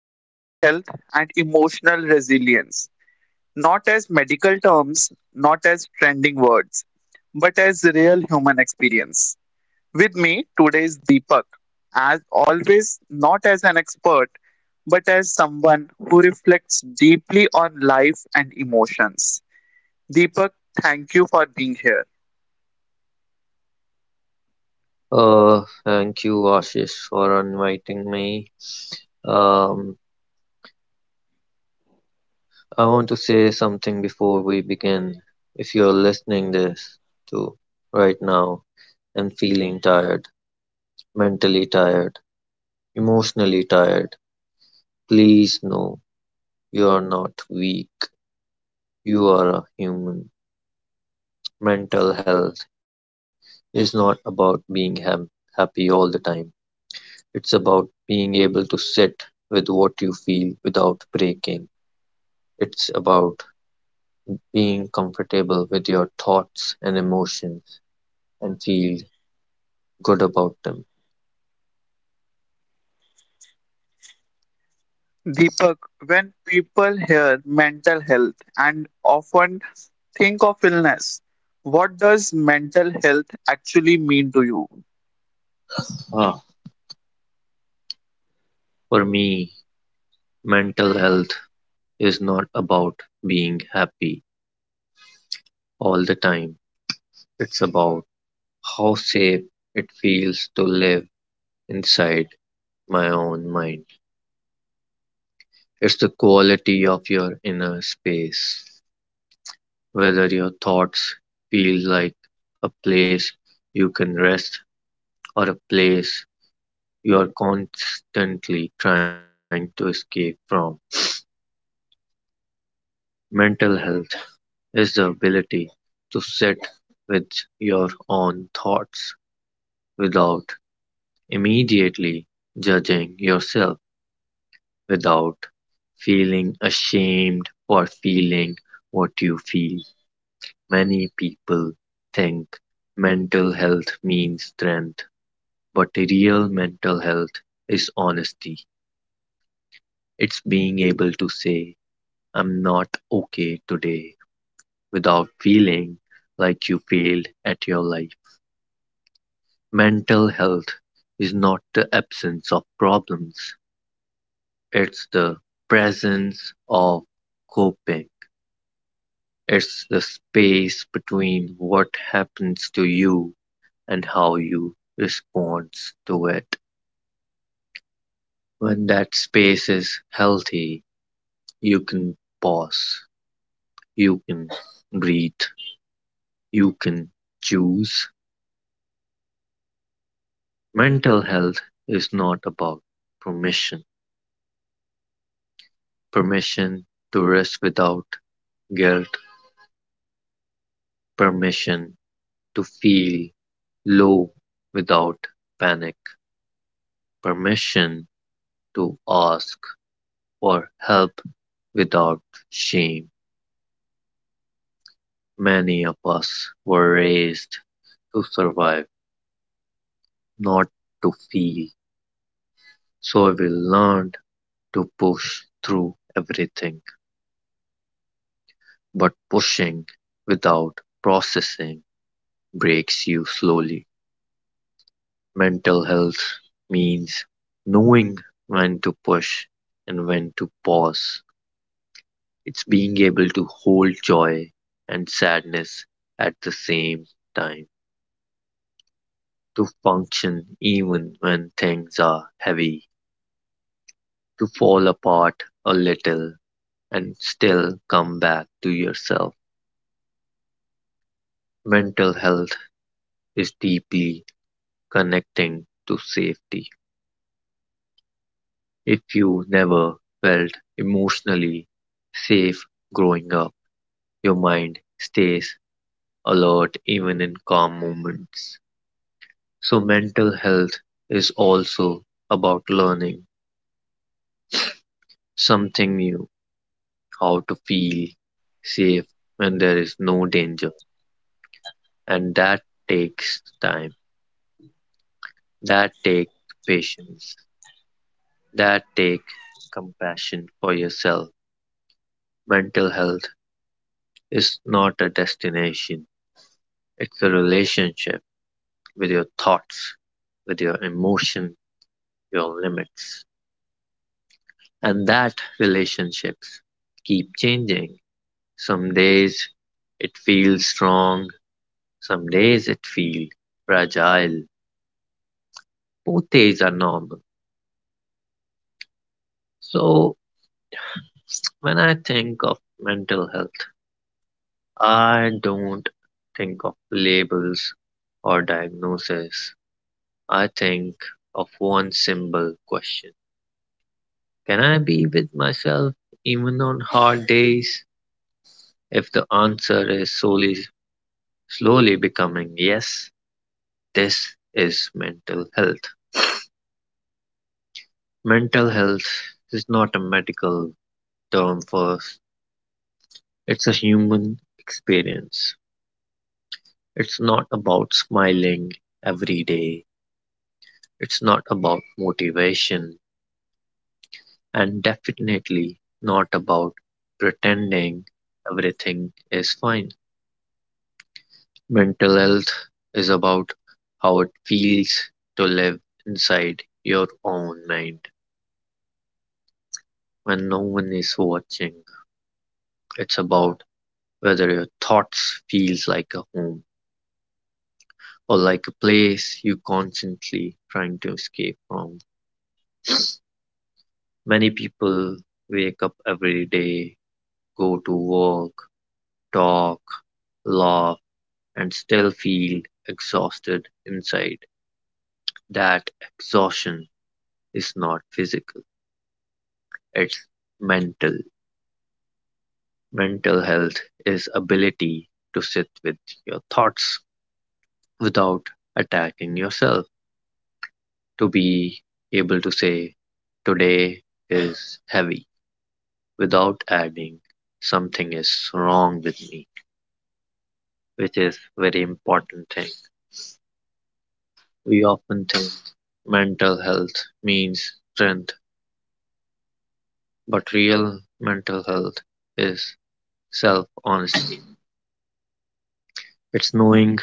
Mental health and emotional resilience. Not as medical terms, not as trending words, but as real human experience. With me today is Deepak. As always, not as an expert, but as someone who reflects deeply on life and emotions. Deepak, thank you for being here. Thank you, Ashish, for inviting me. Um, I want to say something before we begin. If you're listening this to right now and feeling tired, mentally tired, emotionally tired, please know you are not weak. You are a human. Mental health is not about being happy all the time. It's about being able to sit with what you feel without breaking. It's about being comfortable with your thoughts and emotions and feel good about them. Deepak, when people hear mental health and often think of illness, what does mental health actually mean to you? Ah, for me, mental health is not about being happy all the time. It's about how safe it feels to live inside my own mind. It's the quality of your inner space, whether your thoughts feel like a place you can rest or a place you are constantly trying to escape from. Mental health is the ability to sit with your own thoughts without immediately judging yourself, without feeling ashamed for feeling what you feel. Many people think mental health means strength, but real mental health is honesty. It's being able to say, I'm not okay today, without feeling like you failed at your life. Mental health is not the absence of problems, it's the presence of coping. It's the space between what happens to you and how you respond to it. When that space is healthy, you can pause, you can breathe, you can choose. Mental health is not about permission, permission to rest without guilt, permission to feel low without panic, permission to ask for help without shame. Many of us were raised to survive, not to feel. So we learned to push through everything. But pushing without processing breaks you slowly. Mental health means knowing when to push and when to pause. It's being able to hold joy and sadness at the same time, to function even when things are heavy, to fall apart a little and still come back to yourself. Mental health is deeply connecting to safety. If you never felt emotionally safe growing up, your mind stays alert even in calm moments. So, mental health is also about learning something new, how to feel safe when there is no danger. And that takes time, that takes patience, that takes compassion for yourself. Mental health is not a destination, it's a relationship with your thoughts, with your emotion, your limits. And that relationships keep changing. Some days it feels strong, some days it feels fragile. Both days are normal. So when I think of mental health, I don't think of labels or diagnosis. I think of one simple question. Can I be with myself even on hard days? If the answer is solely slowly becoming yes, this is mental health. Mental health is not a medical term, for it's a human experience. It's not about smiling every day. It's not about motivation and definitely not about pretending everything is fine. Mental health is about how it feels to live inside your own mind when no one is watching. It's about whether your thoughts feels like a home or like a place you constantly trying to escape from. Many people wake up every day, go to work, talk, laugh, and still feel exhausted inside. That exhaustion is not physical, it's mental. Mental health is ability to sit with your thoughts without attacking yourself, to be able to say today is heavy without adding something is wrong with me, which is very important thing. We often think mental health means strength, but real mental health is self honesty. It's knowing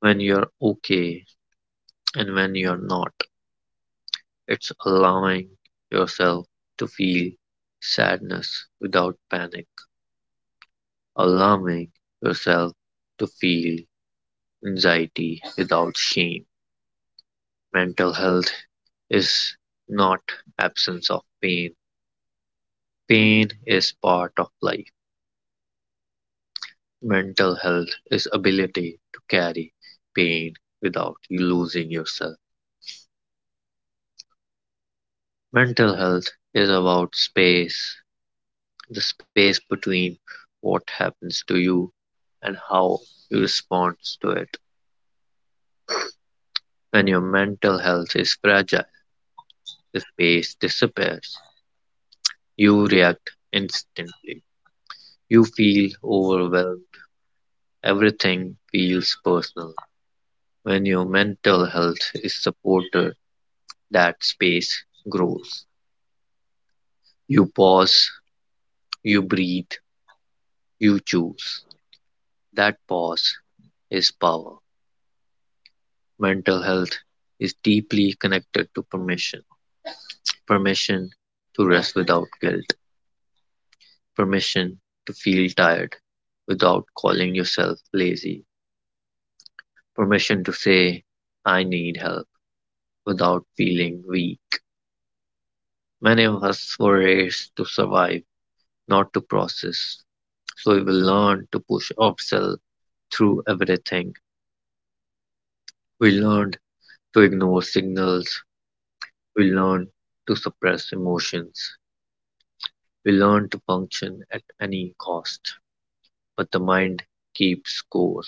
when you're okay and when you're not. It's allowing yourself to feel sadness without panic, allowing yourself to feel anxiety without shame. Mental health is not absence of pain. Pain is part of life. Mental health is ability to carry pain without you losing yourself. Mental health is about space, the space between what happens to you and how you respond to it. When your mental health is fragile, the space disappears. You react instantly. You feel overwhelmed. Everything feels personal. When your mental health is supported, that space grows. You pause, you breathe, you choose. That pause is power. Mental health is deeply connected to permission, permission to rest without guilt, permission to feel tired without calling yourself lazy, permission to say, I need help, without feeling weak. Many of us were raised to survive, not to process. So we will learn to push ourselves through everything. We learned to ignore signals. We learned to suppress emotions. We learn to function at any cost. But the mind keeps score.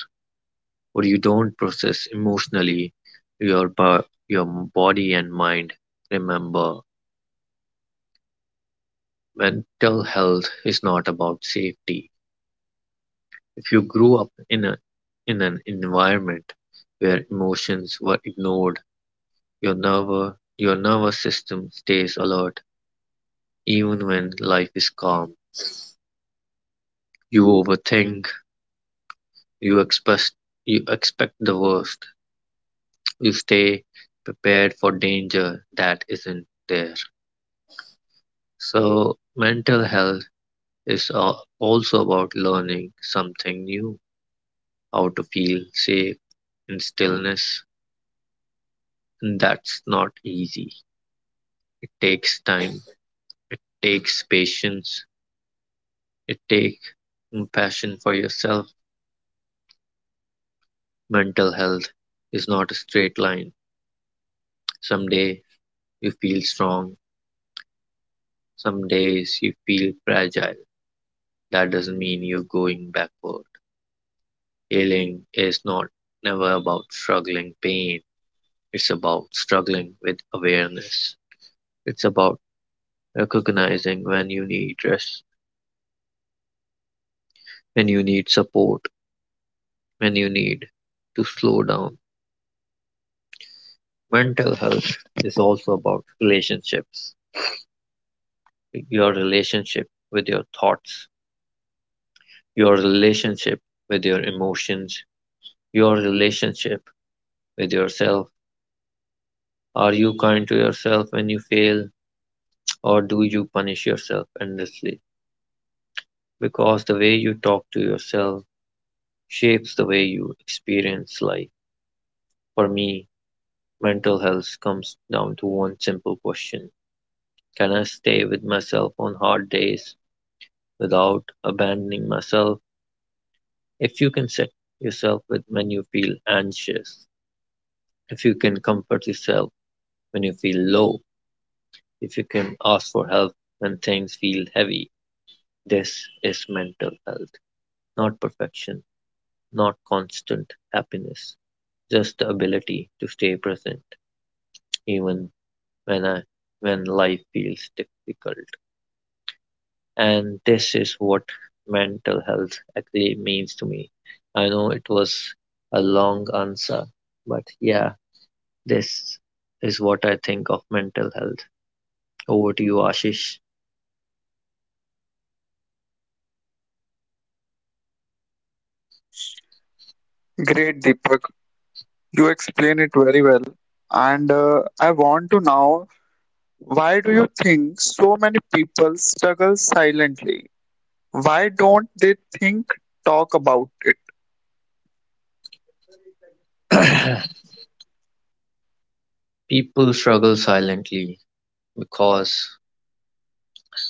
What you don't process emotionally, your body and mind remember. Mental health is not about safety. If you grew up in a in an environment where emotions were ignored, your nervous system stays alert even when life is calm. You overthink, you express you expect the worst. You stay prepared for danger that isn't there. So mental health is also about learning something new, how to feel safe in stillness. And that's not easy. It takes time. It takes patience. It takes compassion for yourself. Mental health is not a straight line. Some day you feel strong. Some days you feel fragile. That doesn't mean you're going backward. Healing is not never about struggling pain. It's about struggling with awareness. It's about recognizing when you need rest, when you need support, when you need to slow down. Mental health is also about relationships, your relationship with your thoughts, your relationship with your emotions, your relationship with yourself. Are you kind to yourself when you fail, or do you punish yourself endlessly? Because the way you talk to yourself shapes the way you experience life. For me, mental health comes down to one simple question. Can I stay with myself on hard days without abandoning myself? If you can set yourself with when you feel anxious, if you can comfort yourself when you feel low, if you can ask for help when things feel heavy, this is mental health. Not perfection, not constant happiness, just the ability to stay present even when I, when life feels difficult. And this is what mental health actually means to me. I know it was a long answer, but yeah, this is what I think of mental health. Over to you, Ashish. Great, Deepak. You explain it very well. And I want to know, why do you think so many people struggle silently? Why don't they think, talk about it? People struggle silently because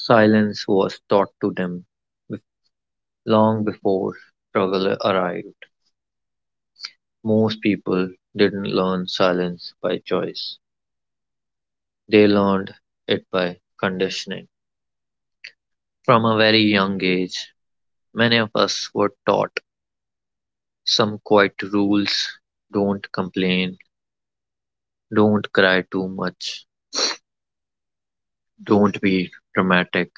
silence was taught to them bef- long before struggle arrived. Most people didn't learn silence by choice, they learned it by conditioning. From a very young age, many of us were taught some quiet rules: don't complain, don't cry too much, don't be dramatic.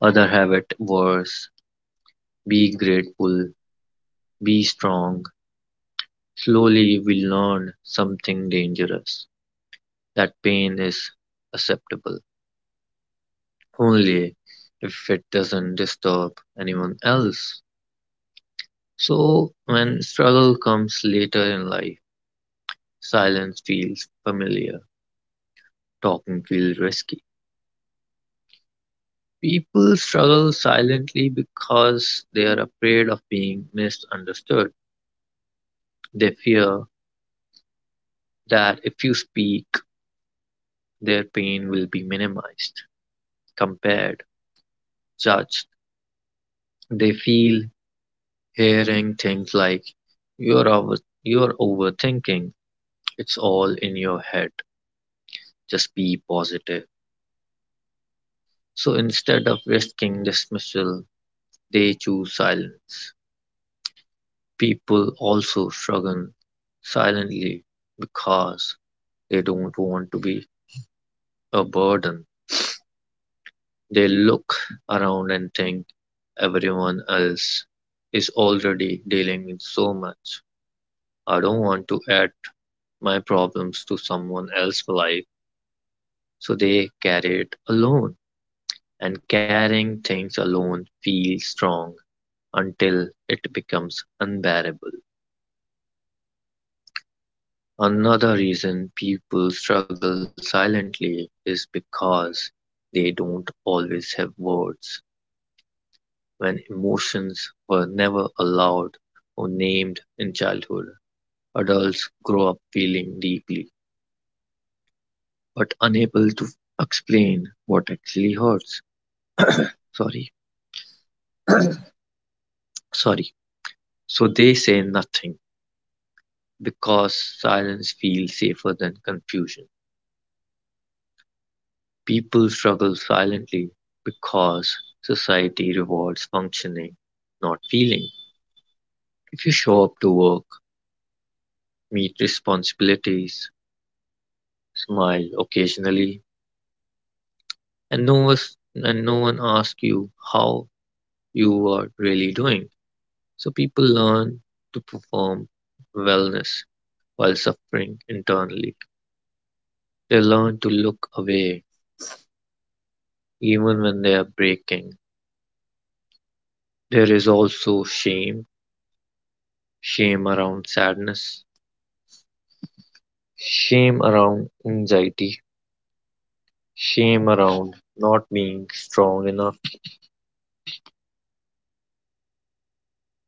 Other habit worse: be grateful, be strong. Slowly we learn something dangerous, that pain is acceptable only if it doesn't disturb anyone else. So, when struggle comes later in life, silence feels familiar, talking feels risky. People struggle silently because they are afraid of being misunderstood. They fear that if you speak, their pain will be minimized, compared, judged. They feel hearing things like, you're over you're overthinking, it's all in your head, just be positive. So instead of risking dismissal they choose silence. People also struggle silently because they don't want to be a burden. They look around and think, everyone else is already dealing with so much, I don't want to add my problems to someone else's life. So they carry it alone, and carrying things alone feels strong until it becomes unbearable. Another reason people struggle silently is because they don't always have words. When emotions were never allowed or named in childhood, adults grow up feeling deeply but unable to explain what actually hurts. Sorry, sorry. So they say nothing because silence feels safer than confusion. People struggle silently because society rewards functioning, not feeling. If you show up to work, meet responsibilities, smile occasionally, and no one, and no one asks you how you are really doing. So people learn to perform wellness while suffering internally. They learn to look away even when they are breaking. There is also shame, shame around sadness, shame around anxiety, shame around not being strong enough.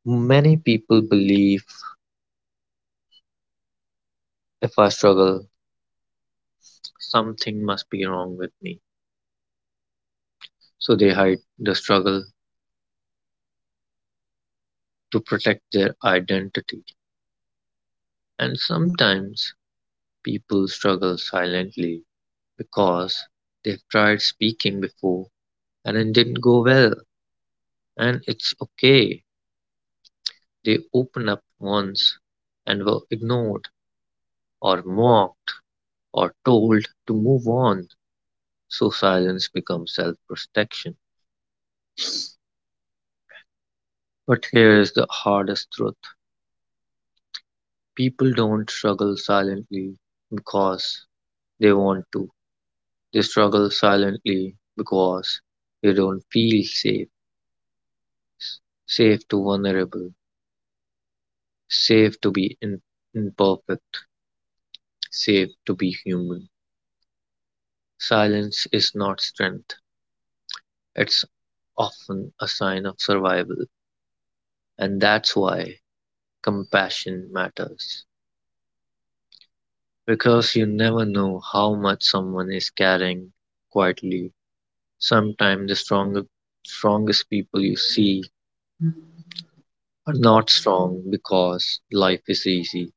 Many people believe if I struggle, something must be wrong with me. So they hide the struggle to protect their identity. And sometimes people struggle silently because they've tried speaking before and it didn't go well. And it's okay. They opened up once and were ignored or mocked or told to move on, so silence becomes self protection. But here's the hardest truth: people don't struggle silently because they want to, they struggle silently because they don't feel safe, safe to vulnerable, safe to be imperfect, safe to be human. Silence is not strength, it's often a sign of survival, and that's why compassion matters. Because you never know how much someone is carrying quietly. Sometimes the strongest people you see are not strong because life is easy.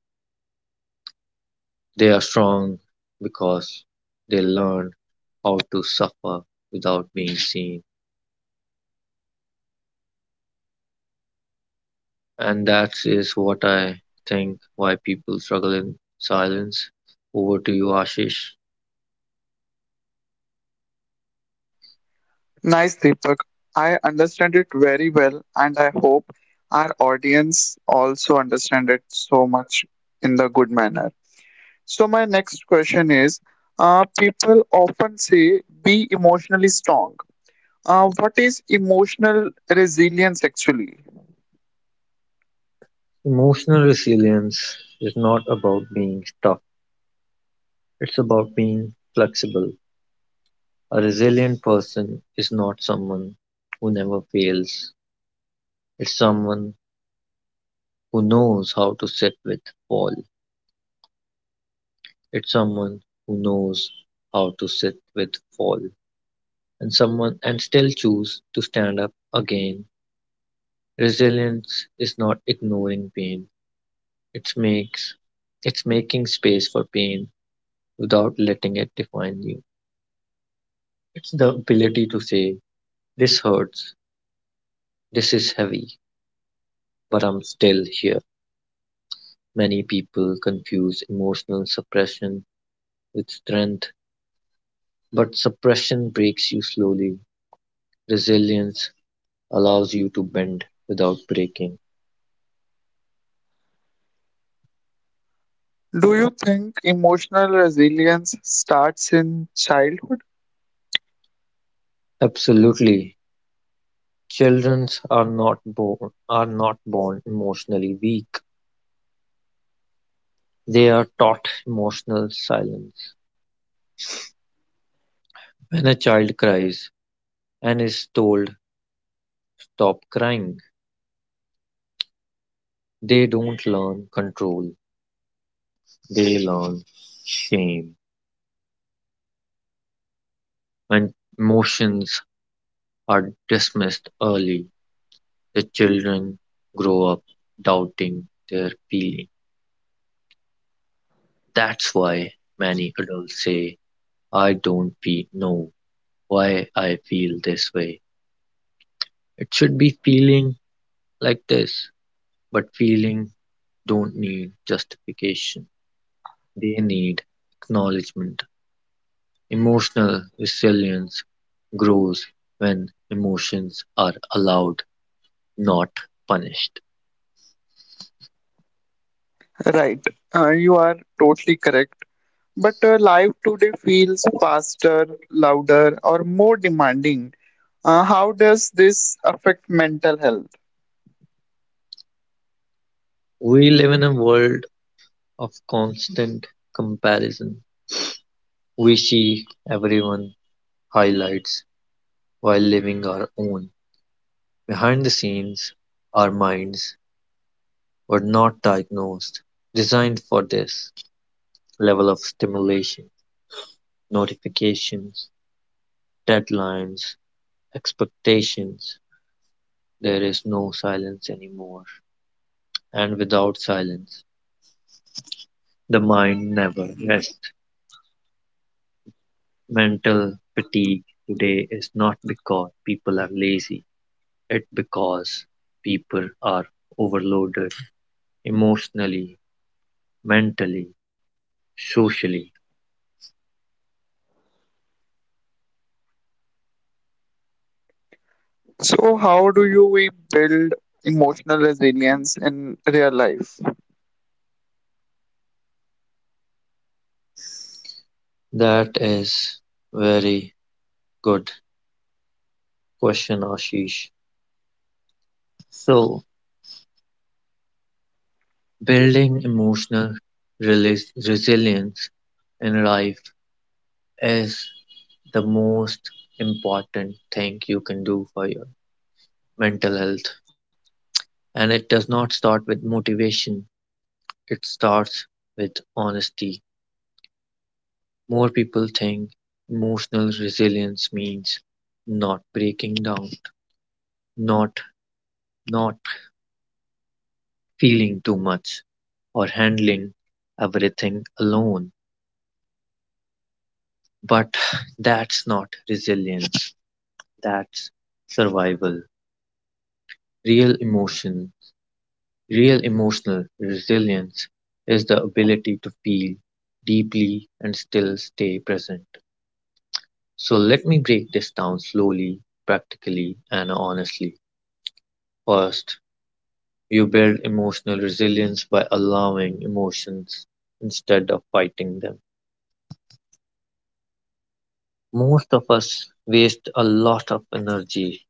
They are strong because they learn how to suffer without being seen. And that is what I think why people struggle in silence. Over to you, Ashish. Nice, Deepak. I understand it very well, and I hope our audience also understand it so much in the good manner. So my next question is, people often say be emotionally strong. What is emotional resilience actually? Emotional resilience is not about being tough, it's about being flexible. A resilient person is not someone who never fails, it's someone who knows how to sit with fall. It's someone who knows how to sit with fall and someone and still choose to stand up again. Resilience is not ignoring pain. It's makes it's making space for pain without letting it define you. It's the ability to say, this hurts, this is heavy, but I'm still here. Many people confuse emotional suppression with strength, but suppression breaks you slowly. Resilience allows you to bend without breaking. Do you think emotional resilience starts in childhood? Absolutely. Children are not born emotionally weak. They are taught emotional silence. When a child cries and is told stop crying, they don't learn control. They learn shame. When emotions are dismissed early, the children grow up doubting their feeling. That's why many adults say, I don't feel, know why I feel this way. It should be feeling like this, but feeling don't need justification. They need acknowledgement. Emotional resilience grows when emotions are allowed, not punished. Right. You are totally correct. But life today feels faster, louder, or more demanding. How does this affect mental health? We live in a world of constant comparison. We see everyone highlights while living our own. Behind the scenes, our minds were not diagnosed, designed for this level of stimulation, notifications, deadlines, expectations. There is no silence anymore, and without silence, the mind never rests. Mental fatigue today is not because people are lazy, it's because people are overloaded emotionally, mentally, socially. So, how do you we build emotional resilience in real life? That is very good question, Ashish. So, building emotional resilience in life is the most important thing you can do for your mental health. And it does not start with motivation. It starts with honesty. More people think emotional resilience means not breaking down, not not feeling too much, or handling everything alone. But that's not resilience, that's survival. Real emotion, real emotional resilience is the ability to feel deeply and still stay present. So let me break this down slowly, practically, and honestly. First, you build emotional resilience by allowing emotions instead of fighting them. Most of us waste a lot of energy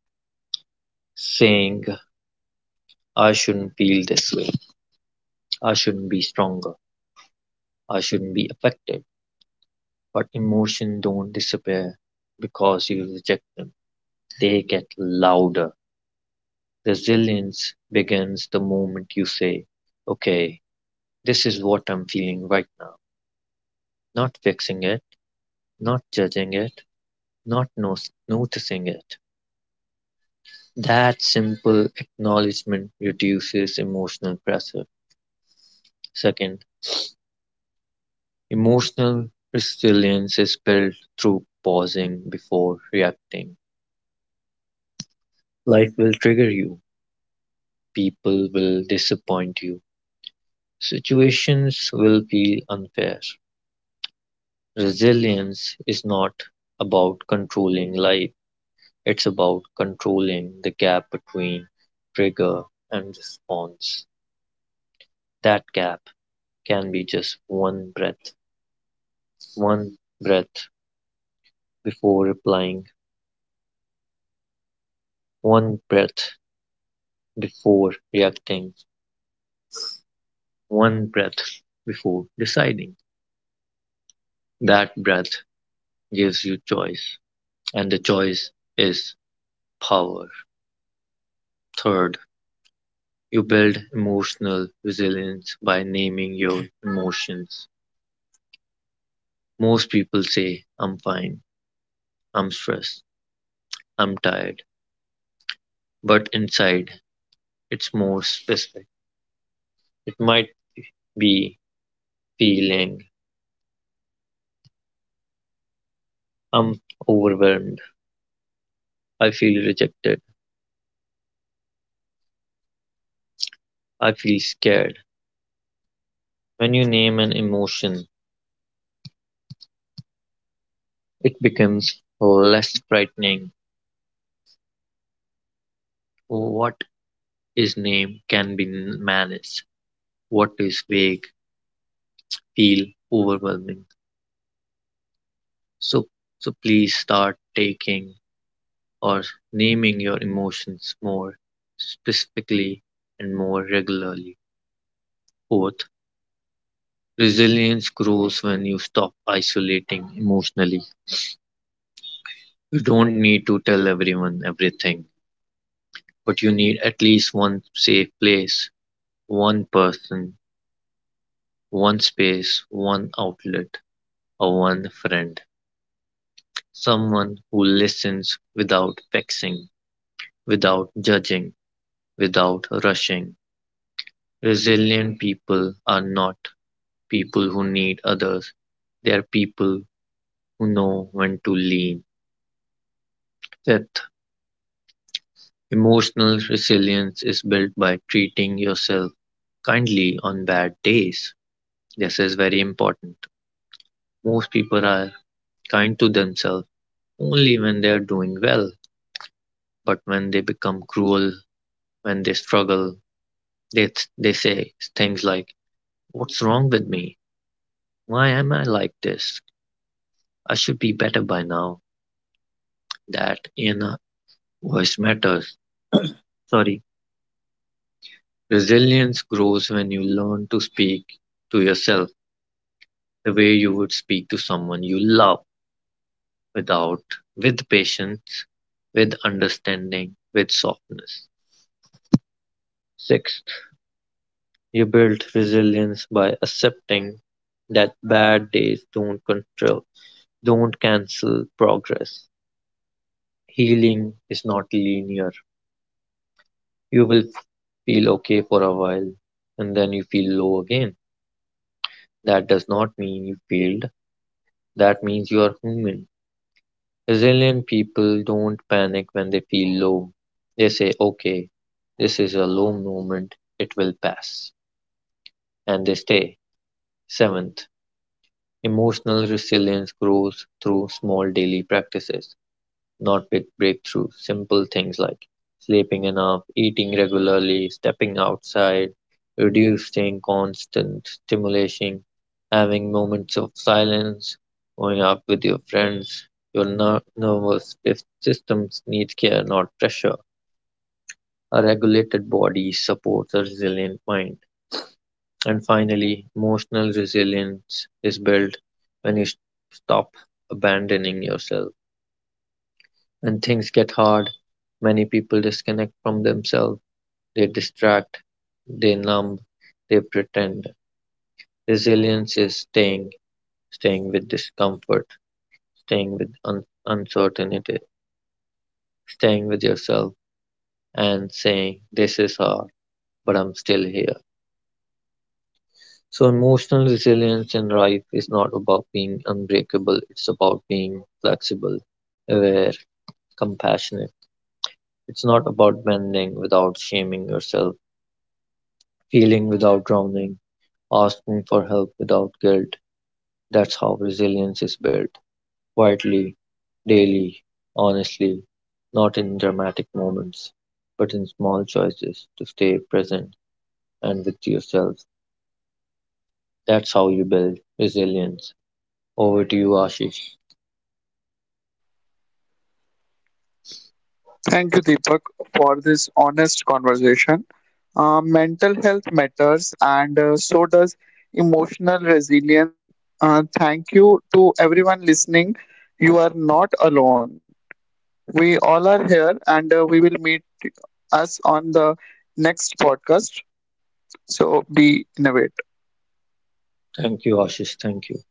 saying, I shouldn't feel this way, I shouldn't be stronger, I shouldn't be affected. But emotions don't disappear because you reject them, they get louder. Resilience begins the moment you say, okay, this is what I'm feeling right now. Not fixing it, not judging it, not no- noticing it. That simple acknowledgement reduces emotional pressure. Second, emotional resilience is built through pausing before reacting. Life will trigger you, people will disappoint you, situations will feel unfair. Resilience is not about controlling life. It's about controlling the gap between trigger and response. That gap can be just one breath before replying, one breath before reacting, one breath before deciding. That breath gives you choice, and the choice is power. Third, you build emotional resilience by naming your emotions. Most people say, I'm fine, I'm stressed. I'm tired, but inside it's more specific. It might be feeling I'm overwhelmed. I feel rejected. I feel scared. When you name an emotion, it becomes less frightening. What is named can be managed. What is vague feel overwhelming. So so please start taking or naming your emotions more specifically and more regularly. Fourth, resilience grows when you stop isolating emotionally. You don't need to tell everyone everything, but you need at least one safe place, one person, one space, one outlet, or one friend. Someone who listens without vexing, without judging, without rushing. Resilient people are not people who need others, they are people who know when to lean. That emotional resilience is built by treating yourself kindly on bad days. This is very important. Most people are kind to themselves only when they are doing well, but when they become cruel, when they struggle, they, they say things like, what's wrong with me? Why am I like this? I should be better by now. That inner voice matters. Sorry. Resilience grows when you learn to speak to yourself the way you would speak to someone you love without, with patience, with understanding, with softness. Sixth, you build resilience by accepting that bad days don't control, don't cancel progress. Healing is not linear. You will feel okay for a while and then you feel low again. That does not mean you failed. That means you are human. Resilient people don't panic when they feel low. They say, okay, this is a low moment, it will pass. And they stay. Seventh, emotional resilience grows through small daily practices, not big breakthroughs, simple things like sleeping enough, eating regularly, stepping outside, reducing constant stimulation, having moments of silence, going out with your friends. Your nervous systems needs care, not pressure. A regulated body supports a resilient mind. And finally, emotional resilience is built when you stop abandoning yourself. When things get hard, many people disconnect from themselves. They distract, they numb, they pretend. Resilience is staying, staying with discomfort, staying with uncertainty, staying with yourself, and saying, this is hard, but I'm still here. So, emotional resilience in life is not about being unbreakable, it's about being flexible, aware, compassionate. It's not about bending without shaming yourself, feeling without drowning, asking for help without guilt. That's how resilience is built. Quietly, daily, honestly, not in dramatic moments, but in small choices to stay present and with yourself. That's how you build resilience. Over to you, Ashish. Thank you, Deepak, for this honest conversation. Mental health matters, and so does emotional resilience. Thank you to everyone listening. You are not alone. We all are here, and we will meet us on the next podcast. So be innovative. Thank you, Ashish. Thank you.